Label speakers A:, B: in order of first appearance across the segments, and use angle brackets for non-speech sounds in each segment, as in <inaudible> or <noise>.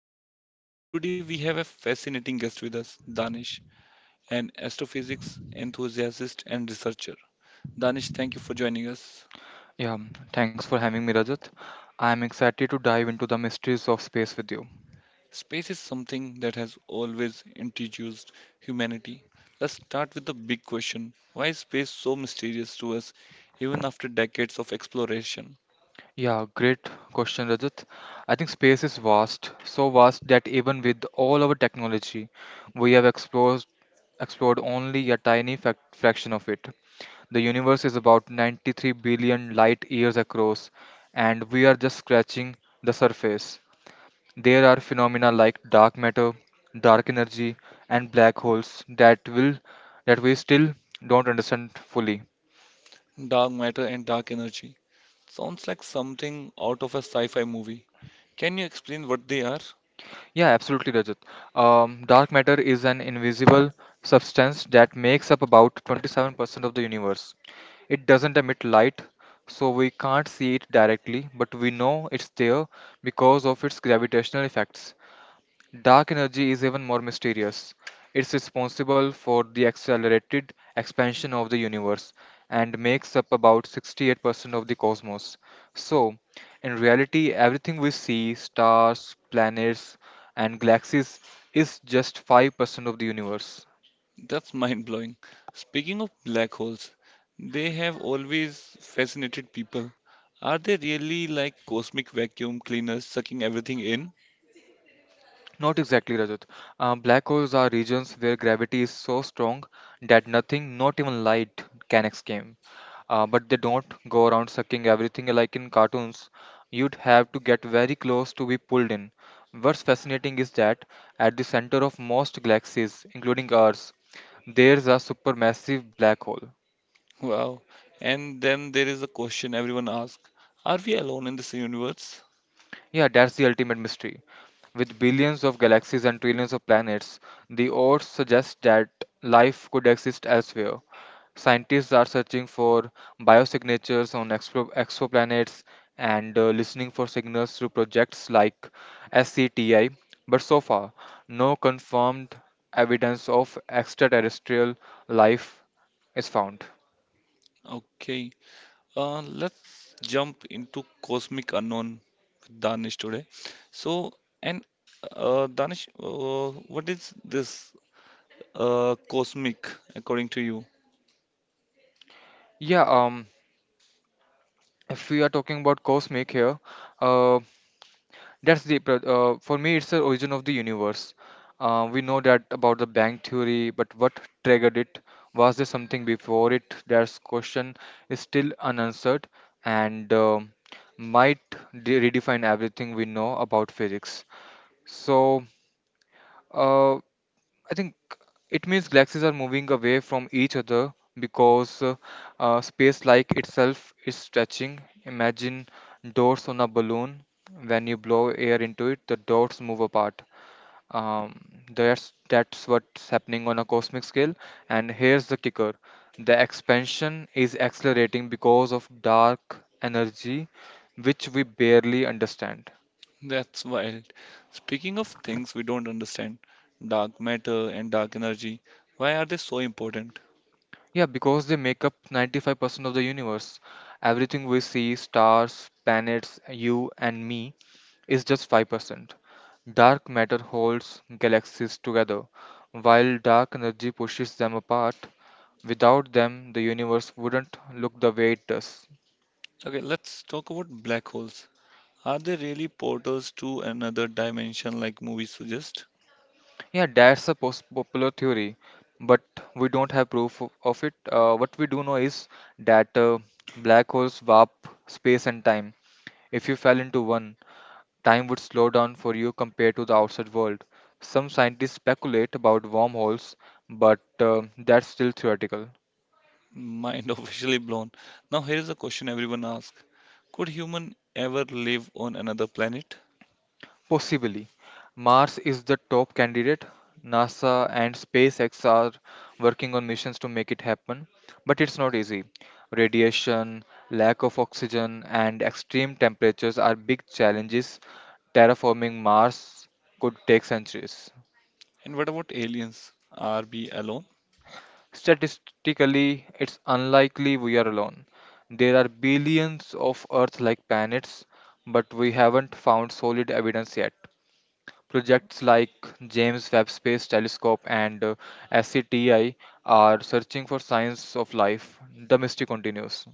A: Rajat, and today we have a fascinating guest with us, Danish, an astrophysics enthusiast and researcher. Danish, thank you for joining us.
B: Yeah, Thanks for having me, Rajat. I'm excited to dive into the mysteries of space with you.
A: Space is something that has always intrigued humanity. Let's start with the big question: why is space so mysterious to us even after decades of exploration?
B: Yeah, great question, Rajat. I think space is vast, so vast that even with all our technology, we have explored only a tiny fac fraction of it. The universe is about 93 billion light years across, and we are just scratching the surface. There are phenomena like dark matter, dark energy, and black holes that we still don't understand fully.
A: Dark matter and dark energy. Sounds like something out of a sci fi movie. Can you explain what they are?
B: Yeah, absolutely, Rajat. Dark matter is an invisible substance that makes up about 27% of the universe. It doesn't emit light, so we can't see it directly, but we know it's there because of its gravitational effects. Dark energy is even more mysterious. It's responsible for the accelerated expansion of the universe and makes up about 68% of the cosmos. So, in reality, everything we see, stars, planets, and galaxies, is just 5% of the universe.
A: That's mind blowing. Speaking of black holes, they have always fascinated people. Are they really like cosmic vacuum cleaners sucking everything in?
B: Not exactly, Rajat. Black holes are regions where gravity is so strong that nothing, not even light, can escape. But they don't go around sucking everything like in cartoons. You'd have to get very close to be pulled in. What's fascinating is that at the center of most galaxies, including ours, there's a supermassive black hole.
A: Wow. And then there is a question everyone asks: are we alone in this universe?
B: Yeah, that's the ultimate mystery. With billions of galaxies and trillions of planets, the odds suggest that life could exist elsewhere. Scientists are searching for biosignatures on exoplanets and listening for signals through projects like SCTI, but so far, no confirmed evidence of extraterrestrial life is found.
A: Okay, let's jump into Cosmic Unknown with Danish today. So, and Danish, what is this cosmic according to you?
B: Yeah, um, if we are talking about cosmic here, uh. That's the pro- for me it's the origin of the universe. We know that about the bank theory, but what triggered it? Was there something before it? That question is still unanswered and might redefine everything we know about physics. So uh, I think it means galaxies are moving away from each other because space like itself is stretching. Imagine dots on a balloon. When you blow air into it, the dots move apart. Um, that's what's happening on a cosmic scale. And here's the kicker: the expansion is accelerating because of dark energy, which we barely understand.
A: That's wild. Speaking of things we don't understand, dark matter and dark energy, why are they so important?
B: Yeah, because they make up 95% of the universe. Everything we see, stars, planets, you and me, is just 5%. Dark matter holds galaxies together, while dark energy pushes them apart. Without them, the universe wouldn't look the way it does.
A: Okay, let's talk about black holes. Are they really portals to another dimension like movies suggest?
B: Yeah, that's a popular theory, but we don't have proof of it. What we do know is that black holes warp space and time. If you fell into one, time would slow down for you compared to the outside world. Some scientists speculate about wormholes, but that's still theoretical.
A: Mind <laughs> officially blown. Now, here is a question everyone asks: could human ever live on another planet?
B: Possibly. Mars is the top candidate. NASA and SpaceX are working on missions to make it happen, but it's not easy. Radiation, lack of oxygen, and extreme temperatures are big challenges. Terraforming Mars could take centuries.
A: And what about aliens? Are we alone?
B: Statistically, it's unlikely we are alone. There are billions of Earth like planets, but we haven't found solid evidence yet. Projects like James Webb Space Telescope and SCTI are searching for signs of life. The mystery continues.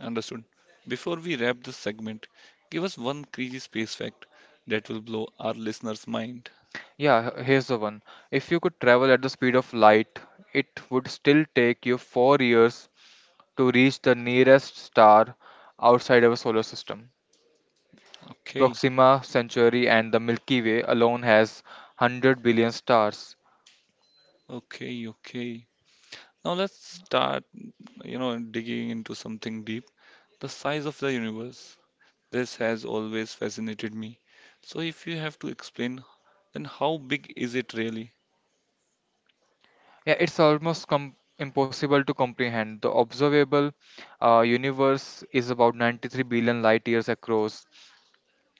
A: Understood. Before we wrap this segment, give us one crazy space fact that will blow our listeners' mind.
B: Here's the one. If you could travel at the speed of light, it would still take you 4 years to reach the nearest star outside our solar system.
A: Okay,
B: Proxima Centauri and the Milky Way alone has 100 billion stars.
A: okay. Now let's start, you know, digging into something deep. The size of the universe. This has always fascinated me. So if you have to explain, then how big is it really?
B: Yeah, it's almost impossible to comprehend. The observable universe is about 93 billion light years across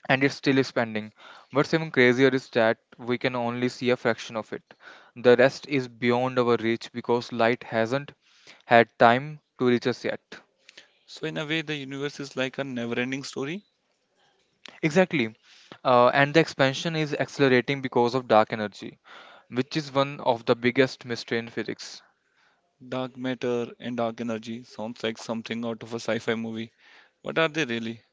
B: and it's still expanding. What's even crazier is that we can only see a fraction of it. The rest is beyond our reach because light hasn't had time to reach us yet.
A: So in a way, the universe is like a never-ending story.
B: Exactly. And the expansion is accelerating because of dark energy, which is one of the biggest mystery in physics.
A: Dark matter and dark energy sounds like something out of a sci-fi movie. What are they really?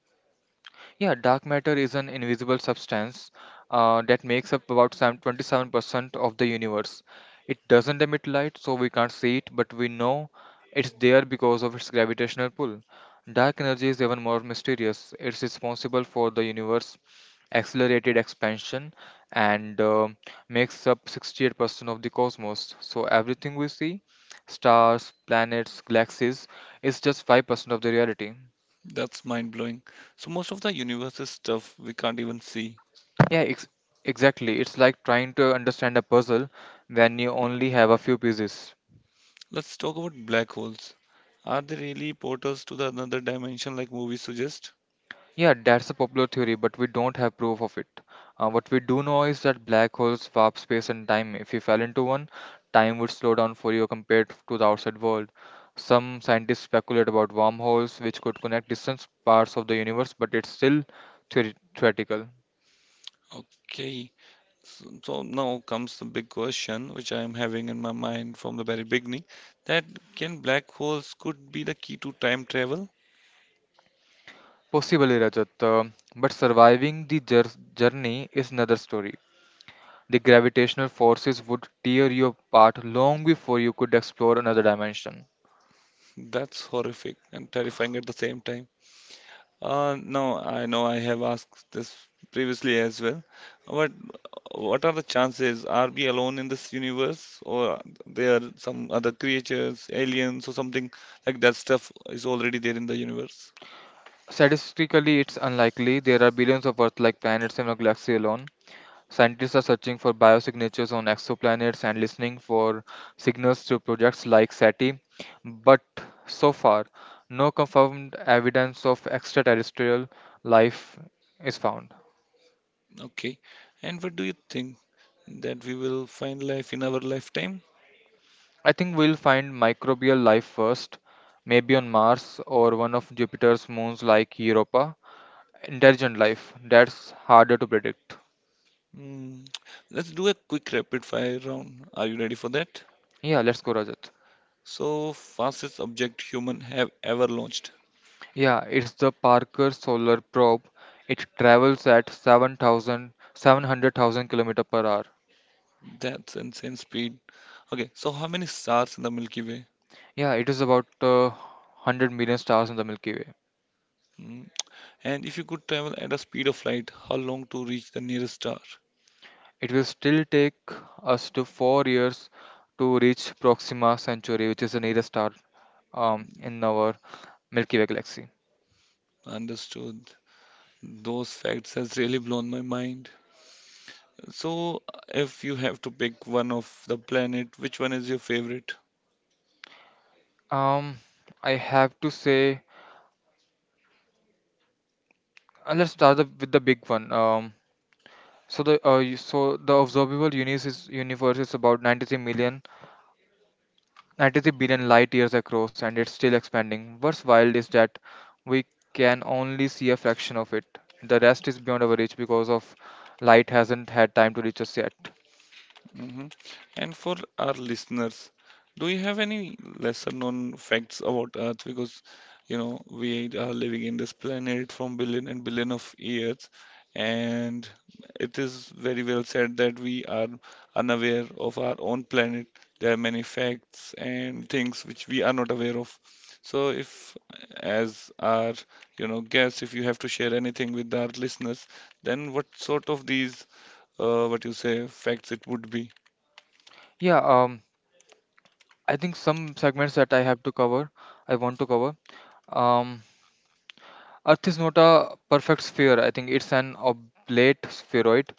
B: Yeah, dark matter is an invisible substance that makes up about some 27% of the universe. It doesn't emit light, so we can't see it, but we know it's there because of its gravitational pull. Dark energy is even more mysterious. It's responsible for the universe accelerated expansion and makes up 68% of the cosmos. So everything we see, stars, planets, galaxies, is just 5% of the reality.
A: That's mind-blowing. So most of the universe is stuff we can't even see.
B: Yeah, ex- exactly. It's like trying to understand a puzzle when you only have a few pieces.
A: Let's talk about black holes. Are they really portals to the another dimension like movies suggest?
B: Yeah, that's a popular theory, but we don't have proof of it. What we do know is that black holes warp space and time. If you fell into one, time would slow down for you compared to the outside world. Some scientists speculate about wormholes, which could connect distant parts of the universe, but it's still theoretical.
A: Okay. So now comes the big question which I am having in my mind from the very beginning, that can black holes could be the key to time travel?
B: Possibly, Rajat, but surviving the journey is another story. The gravitational forces would tear you apart long before you could explore another dimension.
A: That's horrific and terrifying at the same time. No, I know I have asked this previously as well, but what are the chances? Are we alone in this universe, or there are some other creatures, aliens, or something like that stuff is already there in the universe?
B: Statistically, it's unlikely. There are billions of Earth like planets in our galaxy alone. Scientists are searching for biosignatures on exoplanets and listening for signals to projects like SETI. But so far, no confirmed evidence of extraterrestrial life is found.
A: Okay. And what do you think that we will find life in our lifetime?
B: I think we'll find microbial life first, maybe on Mars or one of Jupiter's moons like Europa. Intelligent life, that's harder to predict.
A: Hmm. Let's do a quick rapid fire round. Are you ready for that?
B: Yeah, let's go, Rajat.
A: So, fastest object human have ever launched.
B: Yeah, it's the Parker Solar Probe. It travels at 7,000, 700,000 kilometers per hour.
A: That's insane speed. Okay, so how many stars in the Milky Way?
B: Yeah, it is about 100 million stars in the Milky Way.
A: Hmm. And if you could travel at a speed of light, how long to reach the nearest star?
B: It will still take us to 4 years to reach Proxima Centauri, which is the nearest star in our Milky Way galaxy.
A: Understood. Those facts has really blown my mind. So, if you have to pick one of the planet, which one is your favorite?
B: Um, I have to say, with the big one. So the so the universe is about 93 billion light years across and it's still expanding. What's wild is that we can only see a fraction of it. The rest is beyond our reach because of light hasn't had time to reach us yet.
A: Hmm. And for our listeners, do you have any lesser known facts about Earth? Because, you know, we are living in this planet from billion and billion of years, and it is very well said that we are unaware of our own planet. There are many facts and things which we are not aware of. So if, as our, you know, guest, if you have to share anything with our listeners, then what sort of these, what you say, facts it would be?
B: Yeah, um, I think some segments that I want to cover. Um, Earth is not a perfect sphere. I think it's an oblate spheroid,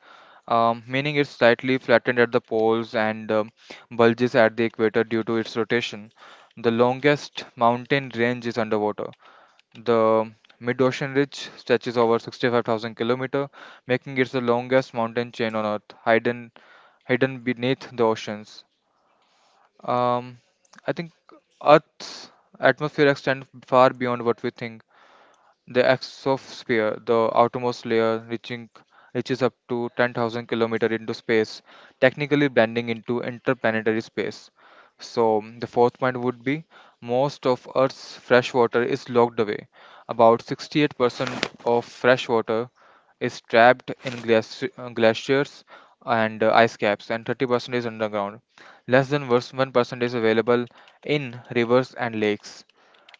B: meaning it's slightly flattened at the poles and bulges at the equator due to its rotation. The longest mountain range is underwater. The mid-ocean ridge stretches over 65,000 km, making it the longest mountain chain on Earth, hidden beneath the oceans. Um, I think Earth's atmosphere extends far beyond what we think. The exosphere, the outermost layer reaching reaches up to 10,000 km into space, technically blending into interplanetary space. So the fourth point would be most of Earth's fresh water is locked away. About 68% of fresh water is trapped in glaciers and ice caps, and 30% is underground. Less than worse 1% is available in rivers and lakes.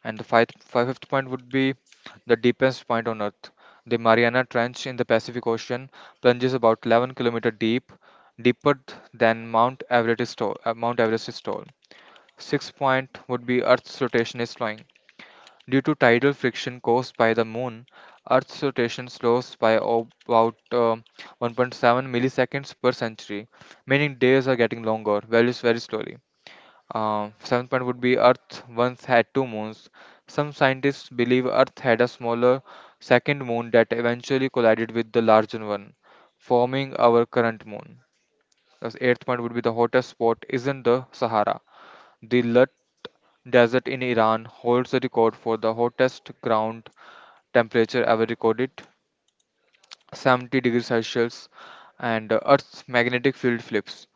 B: And the fifth point would be the deepest point on Earth. The Mariana Trench in the Pacific Ocean plunges about 11-kilometer deep, deeper than Mount Everest is tall. Mount Everest's tall. Sixth point would be Earth's rotation is slowing. Due to tidal friction caused by the moon, Earth's rotation slows by about 1.7 milliseconds per century, meaning days are getting longer, very, very slowly. Seventh point would be Earth once had two moons. Some scientists believe Earth had a smaller second moon that eventually collided with the larger one, forming our current moon. The eighth point would be the hottest spot isn't the Sahara. The Lut Desert in Iran holds the record for the hottest ground temperature ever recorded, 70 degrees Celsius, and Earth's magnetic field flips.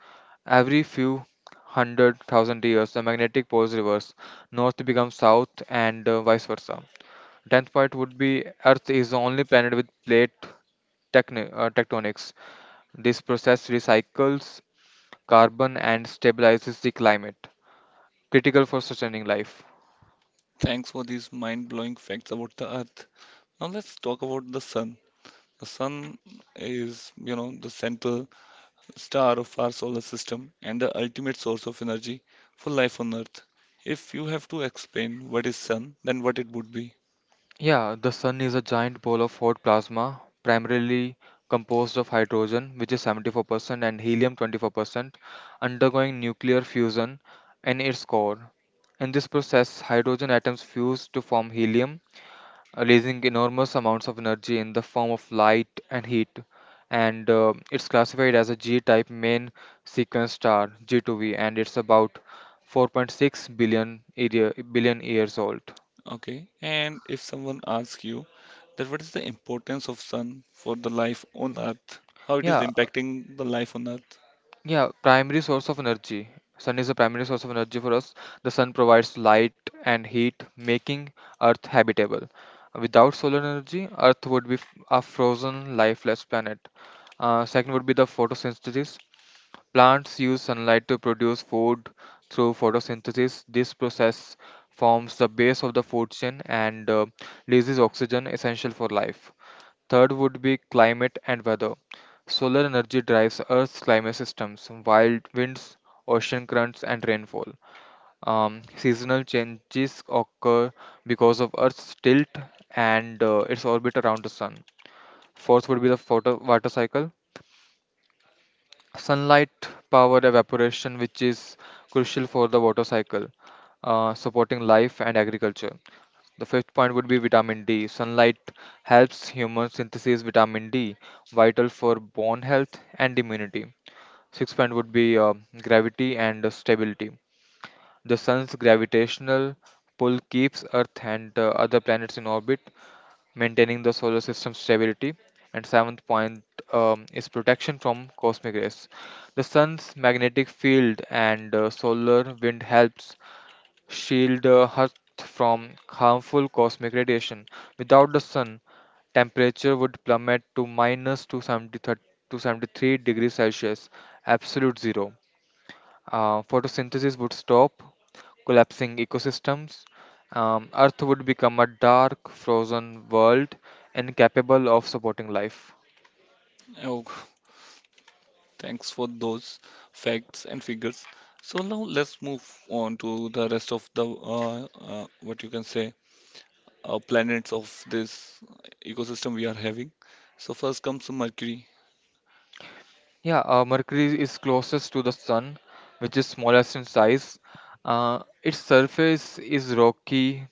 B: Every few 100,000 years, the magnetic poles reverse. North becomes south, and vice versa. Tenth point would be Earth is the only planet with plate tectonics. This process recycles carbon and stabilizes the climate, critical for sustaining life.
A: Thanks for these mind blowing facts about the Earth. Now let's talk about the Sun. The Sun is, you know, the central star of our solar system and the ultimate source of energy for life on Earth. If you have to explain what is Sun, then what it would be.
B: Yeah, the sun is a giant ball of hot plasma, primarily composed of hydrogen, which is 74%, and helium, 24%, undergoing nuclear fusion in its core. In this process, hydrogen atoms fuse to form helium, releasing enormous amounts of energy in the form of light and heat. And it's classified as a G type main sequence star, G2V, and it's about billion years old.
A: Okay. And if someone asks you that what is the importance of Sun for the life on Earth, how it is
B: Yeah,
A: impacting the life on Earth?
B: Yeah, primary source of energy. Sun is a primary source of energy for us. The sun provides light and heat, making Earth habitable. Without solar energy, Earth would be a frozen, lifeless planet. Second would be the photosynthesis. Plants use sunlight to produce food through photosynthesis. This process forms the base of the food chain and releases oxygen essential for life. Third would be climate and weather. Solar energy drives Earth's climate systems, wild winds, ocean currents, and rainfall. Seasonal changes occur because of Earth's tilt and its orbit around the sun. Fourth would be the water cycle. Sunlight power evaporation, which is crucial for the water cycle, supporting life and agriculture. The fifth point would be vitamin D. Sunlight helps human synthesize vitamin D, vital for bone health and immunity. Sixth point would be gravity and stability. The sun's gravitational pull keeps Earth and other planets in orbit, maintaining the solar system's stability. And seventh point is protection from cosmic rays. The sun's magnetic field and solar wind helps shield the Earth from harmful cosmic radiation. Without the sun, temperature would plummet to minus 273 to 73 degrees Celsius, absolute zero. Photosynthesis would stop, collapsing ecosystems. Earth would become a dark, frozen world incapable of supporting life.
A: Oh, thanks for those facts and figures. So now let's move on to the rest of the what you can say planets of this ecosystem we are having. So first comes Mercury.
B: Yeah, Mercury is closest to the Sun, which is smallest in size. Its surface is rocky,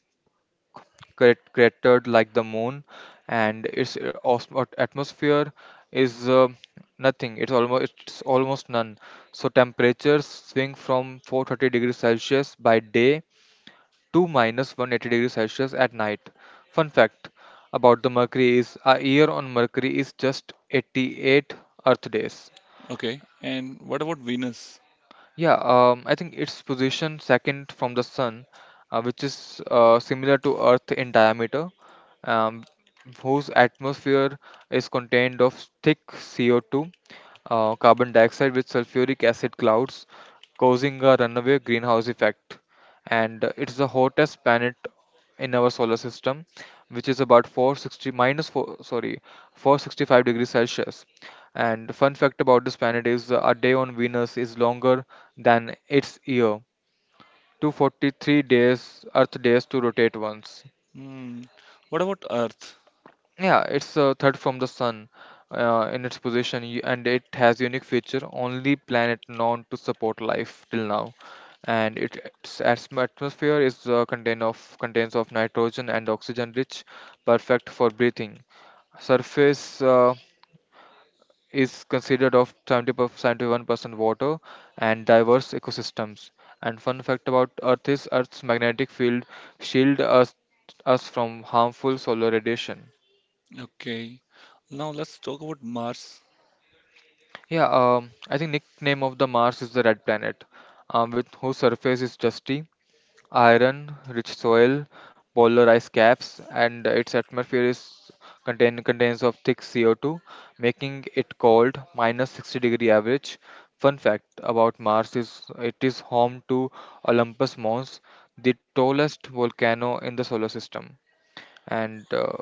B: cratered like the moon, and its atmosphere is, uh, nothing. It's almost none, so temperatures swing from 430 degrees Celsius by day to minus 180 degrees Celsius at night. Fun fact about the Mercury is a year on Mercury is just 88 Earth days.
A: Okay, and what about Venus?
B: Yeah, I think it's positioned second from the Sun, which is similar to Earth in diameter, um, whose atmosphere is contained of thick CO2, carbon dioxide with sulfuric acid clouds, causing a runaway greenhouse effect. And it's the hottest planet in our solar system, which is about 460 minus 4, sorry, 465 degrees Celsius. And fun fact about this planet is a day on Venus is longer than its year. 243 days, Earth days to rotate once.
A: Hmm. What about Earth?
B: Yeah, it's a third from the sun in its position, and it has unique feature, only planet known to support life till now. And it, its atmosphere is, contains of nitrogen and oxygen, rich, perfect for breathing. Surface, uh, is considered of 71% water and diverse ecosystems. And fun fact about Earth is Earth's magnetic field shield us us from harmful solar radiation.
A: Okay. Now let's talk about Mars.
B: Yeah, I think nickname of the Mars is the red planet, with whose surface is dusty iron rich soil, polar ice caps, and its atmosphere is contains of thick CO2, making it cold, minus 60 degree average. Fun fact about Mars is it is home to Olympus Mons, the tallest volcano in the solar system. And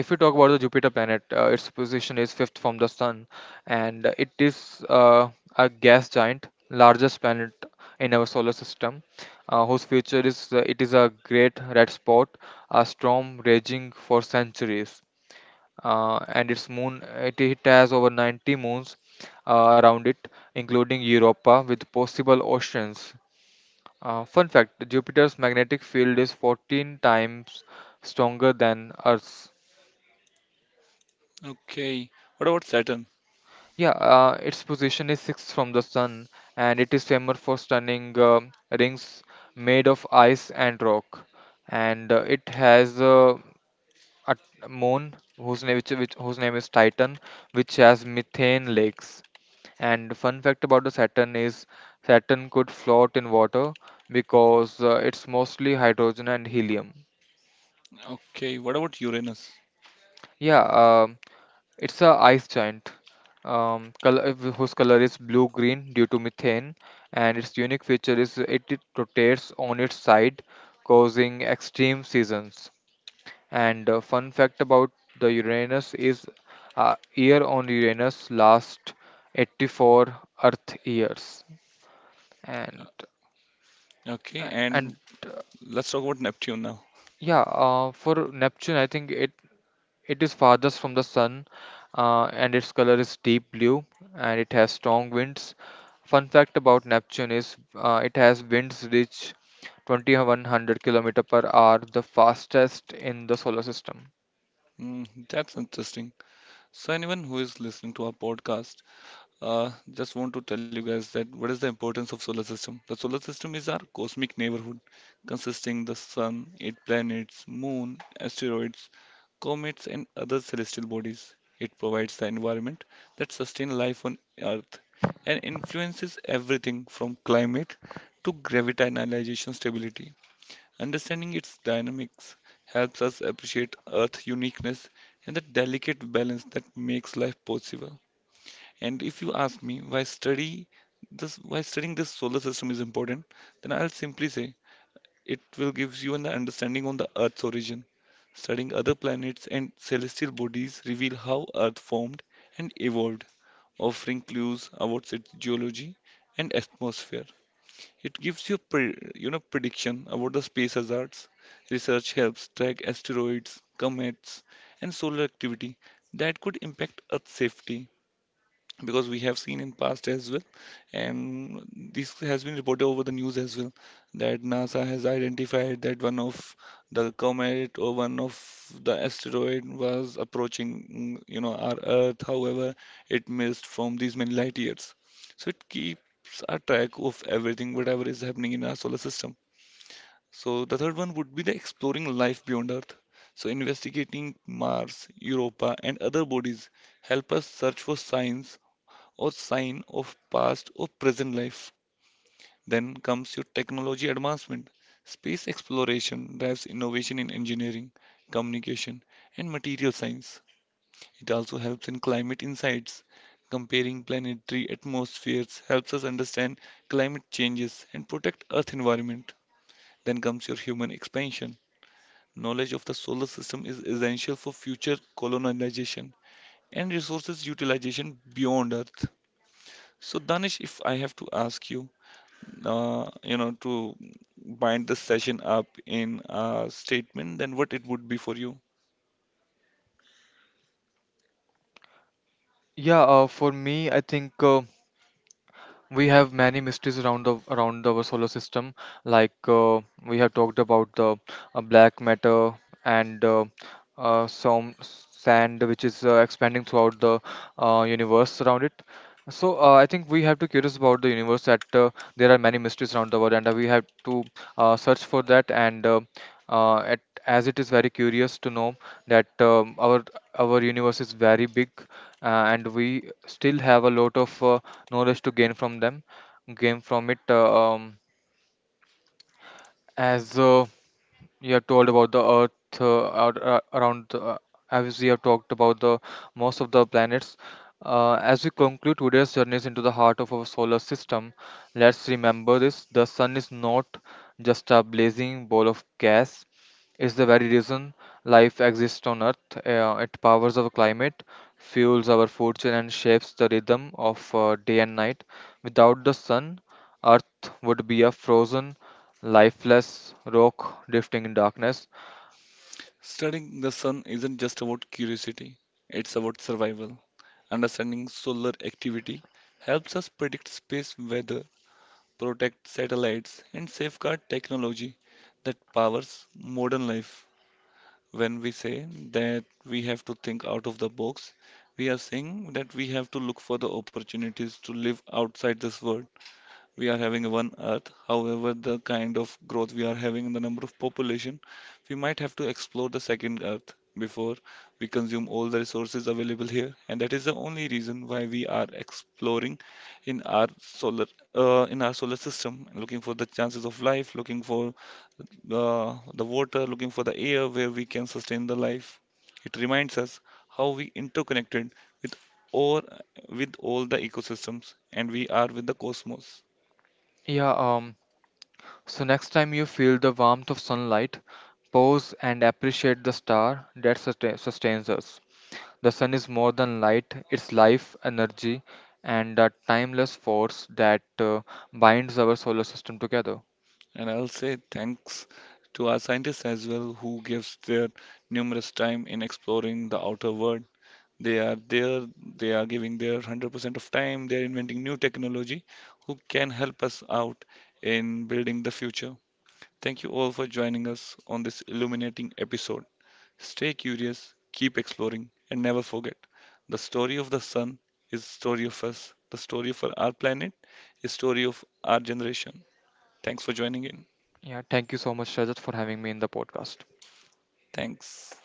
B: if we talk about the Jupiter planet, its position is fifth from the sun, and it is a gas giant, largest planet in our solar system, whose future is it is a great red spot, a storm raging for centuries. And its moon, it has over 90 moons around it, including Europa, with possible oceans. Fun fact: Jupiter's magnetic field is 14 times stronger than Earth's.
A: Okay. What about Saturn?
B: Yeah, its position is sixth from the sun, and it is famous for stunning rings made of ice and rock. And it has, a moon whose name, whose name is Titan, which has methane lakes. And fun fact about the Saturn is Saturn could float in water because it's mostly hydrogen and helium.
A: Okay. What about Uranus?
B: Yeah, it's a ice giant, whose color is blue-green due to methane, and its unique feature is it rotates on its side, causing extreme seasons. And fun fact about the Uranus is, year on Uranus lasts 84 Earth years, and
A: Okay,
B: uh, and
A: and let's talk about Neptune now.
B: Yeah, for Neptune, I think it is farthest from the sun, and its color is deep blue, and it has strong winds. Fun fact about Neptune is it has winds reach 2100 kilometer per hour, the fastest in the solar system.
A: Hmm, that's interesting. So anyone who is listening to our podcast, just want to tell you guys that what is the importance of solar system? The solar system is our cosmic neighborhood, consisting the sun, eight planets, moon, asteroids, comets, and other celestial bodies. It provides the environment that sustains life on Earth and influences everything from climate to gravitational stability. Understanding its dynamics helps us appreciate Earth's uniqueness and the delicate balance that makes life possible. And if you ask me why study this why studying this solar system is important, then I'll simply say it will give you an understanding on the Earth's origin. Studying other planets and celestial bodies reveal how Earth formed and evolved, offering clues about its geology and atmosphere. It gives you you know prediction about the space hazards. Research helps track asteroids, comets, and solar activity that could impact Earth safety, because we have seen in past as well, and this has been reported over the news as well that NASA has identified that one of the comet or one of the asteroid was approaching, you know, our earth, however it missed from these many light years. So it keeps a track of everything whatever is happening in our solar system. So the third one would be the exploring life beyond Earth. So investigating Mars, Europa, and other bodies help us search for signs or sign of past or present life. Then comes your technology advancement. Space exploration drives innovation in engineering, communication, and material science. It also helps in climate insights. Comparing planetary atmospheres helps us understand climate changes and protect Earth environment. Then comes your human expansion. Knowledge of the solar system is essential for future colonization and resources utilization beyond Earth. So, Danish, if I have to ask you, you know, to bind this session up in a statement, then what it would be for you?
B: Yeah, for me, I think we have many mysteries around the around our solar system, like we have talked about the black matter and some sand which is expanding throughout the universe around it. So I think we have to curious about the universe, that there are many mysteries around the world and we have to search for that. And uh, at, as it is very curious to know that our universe is very big, and we still have a lot of knowledge to gain from it. As, you have told about the earth, around the, as we have talked about the most of the planets, as we conclude today's journeys into the heart of our solar system, let's remember this: the sun is not just a blazing ball of gas, it's the very reason life exists on earth. It powers our climate, fuels our fortune, and shapes the rhythm of day and night. Without the sun, earth would be a frozen, lifeless rock drifting in darkness.
A: Studying the sun isn't just about curiosity, it's about survival. Understanding solar activity helps us predict space weather, protect satellites, and safeguard technology that powers modern life. When we say that we have to think out of the box, we are saying that we have to look for the opportunities to live outside this world. We are having a one Earth. However, the kind of growth we are having in the number of population, we might have to explore the second Earth before we consume all the resources available here. And that is the only reason why we are exploring in our solar system, looking for the chances of life, looking for the water, looking for the air where we can sustain the life. It reminds us how we interconnected with or with all the ecosystems and we are with the cosmos.
B: Yeah, so next time you feel the warmth of sunlight, pause and appreciate the star that sustains us. The sun is more than light, it's life, energy, and a timeless force that binds our solar system together.
A: And I'll say thanks to our scientists as well, who gives their numerous time in exploring the outer world. They are there, they are giving their 100% of time, they're inventing new technology who can help us out in building the future. Thank you all for joining us on this illuminating episode. Stay curious, keep exploring, and never forget the story of the sun is the story of us, the story for our planet is story of our generation. Thanks for joining in.
B: Yeah, thank you so much, Rajat, for having me in the podcast.
A: Thanks.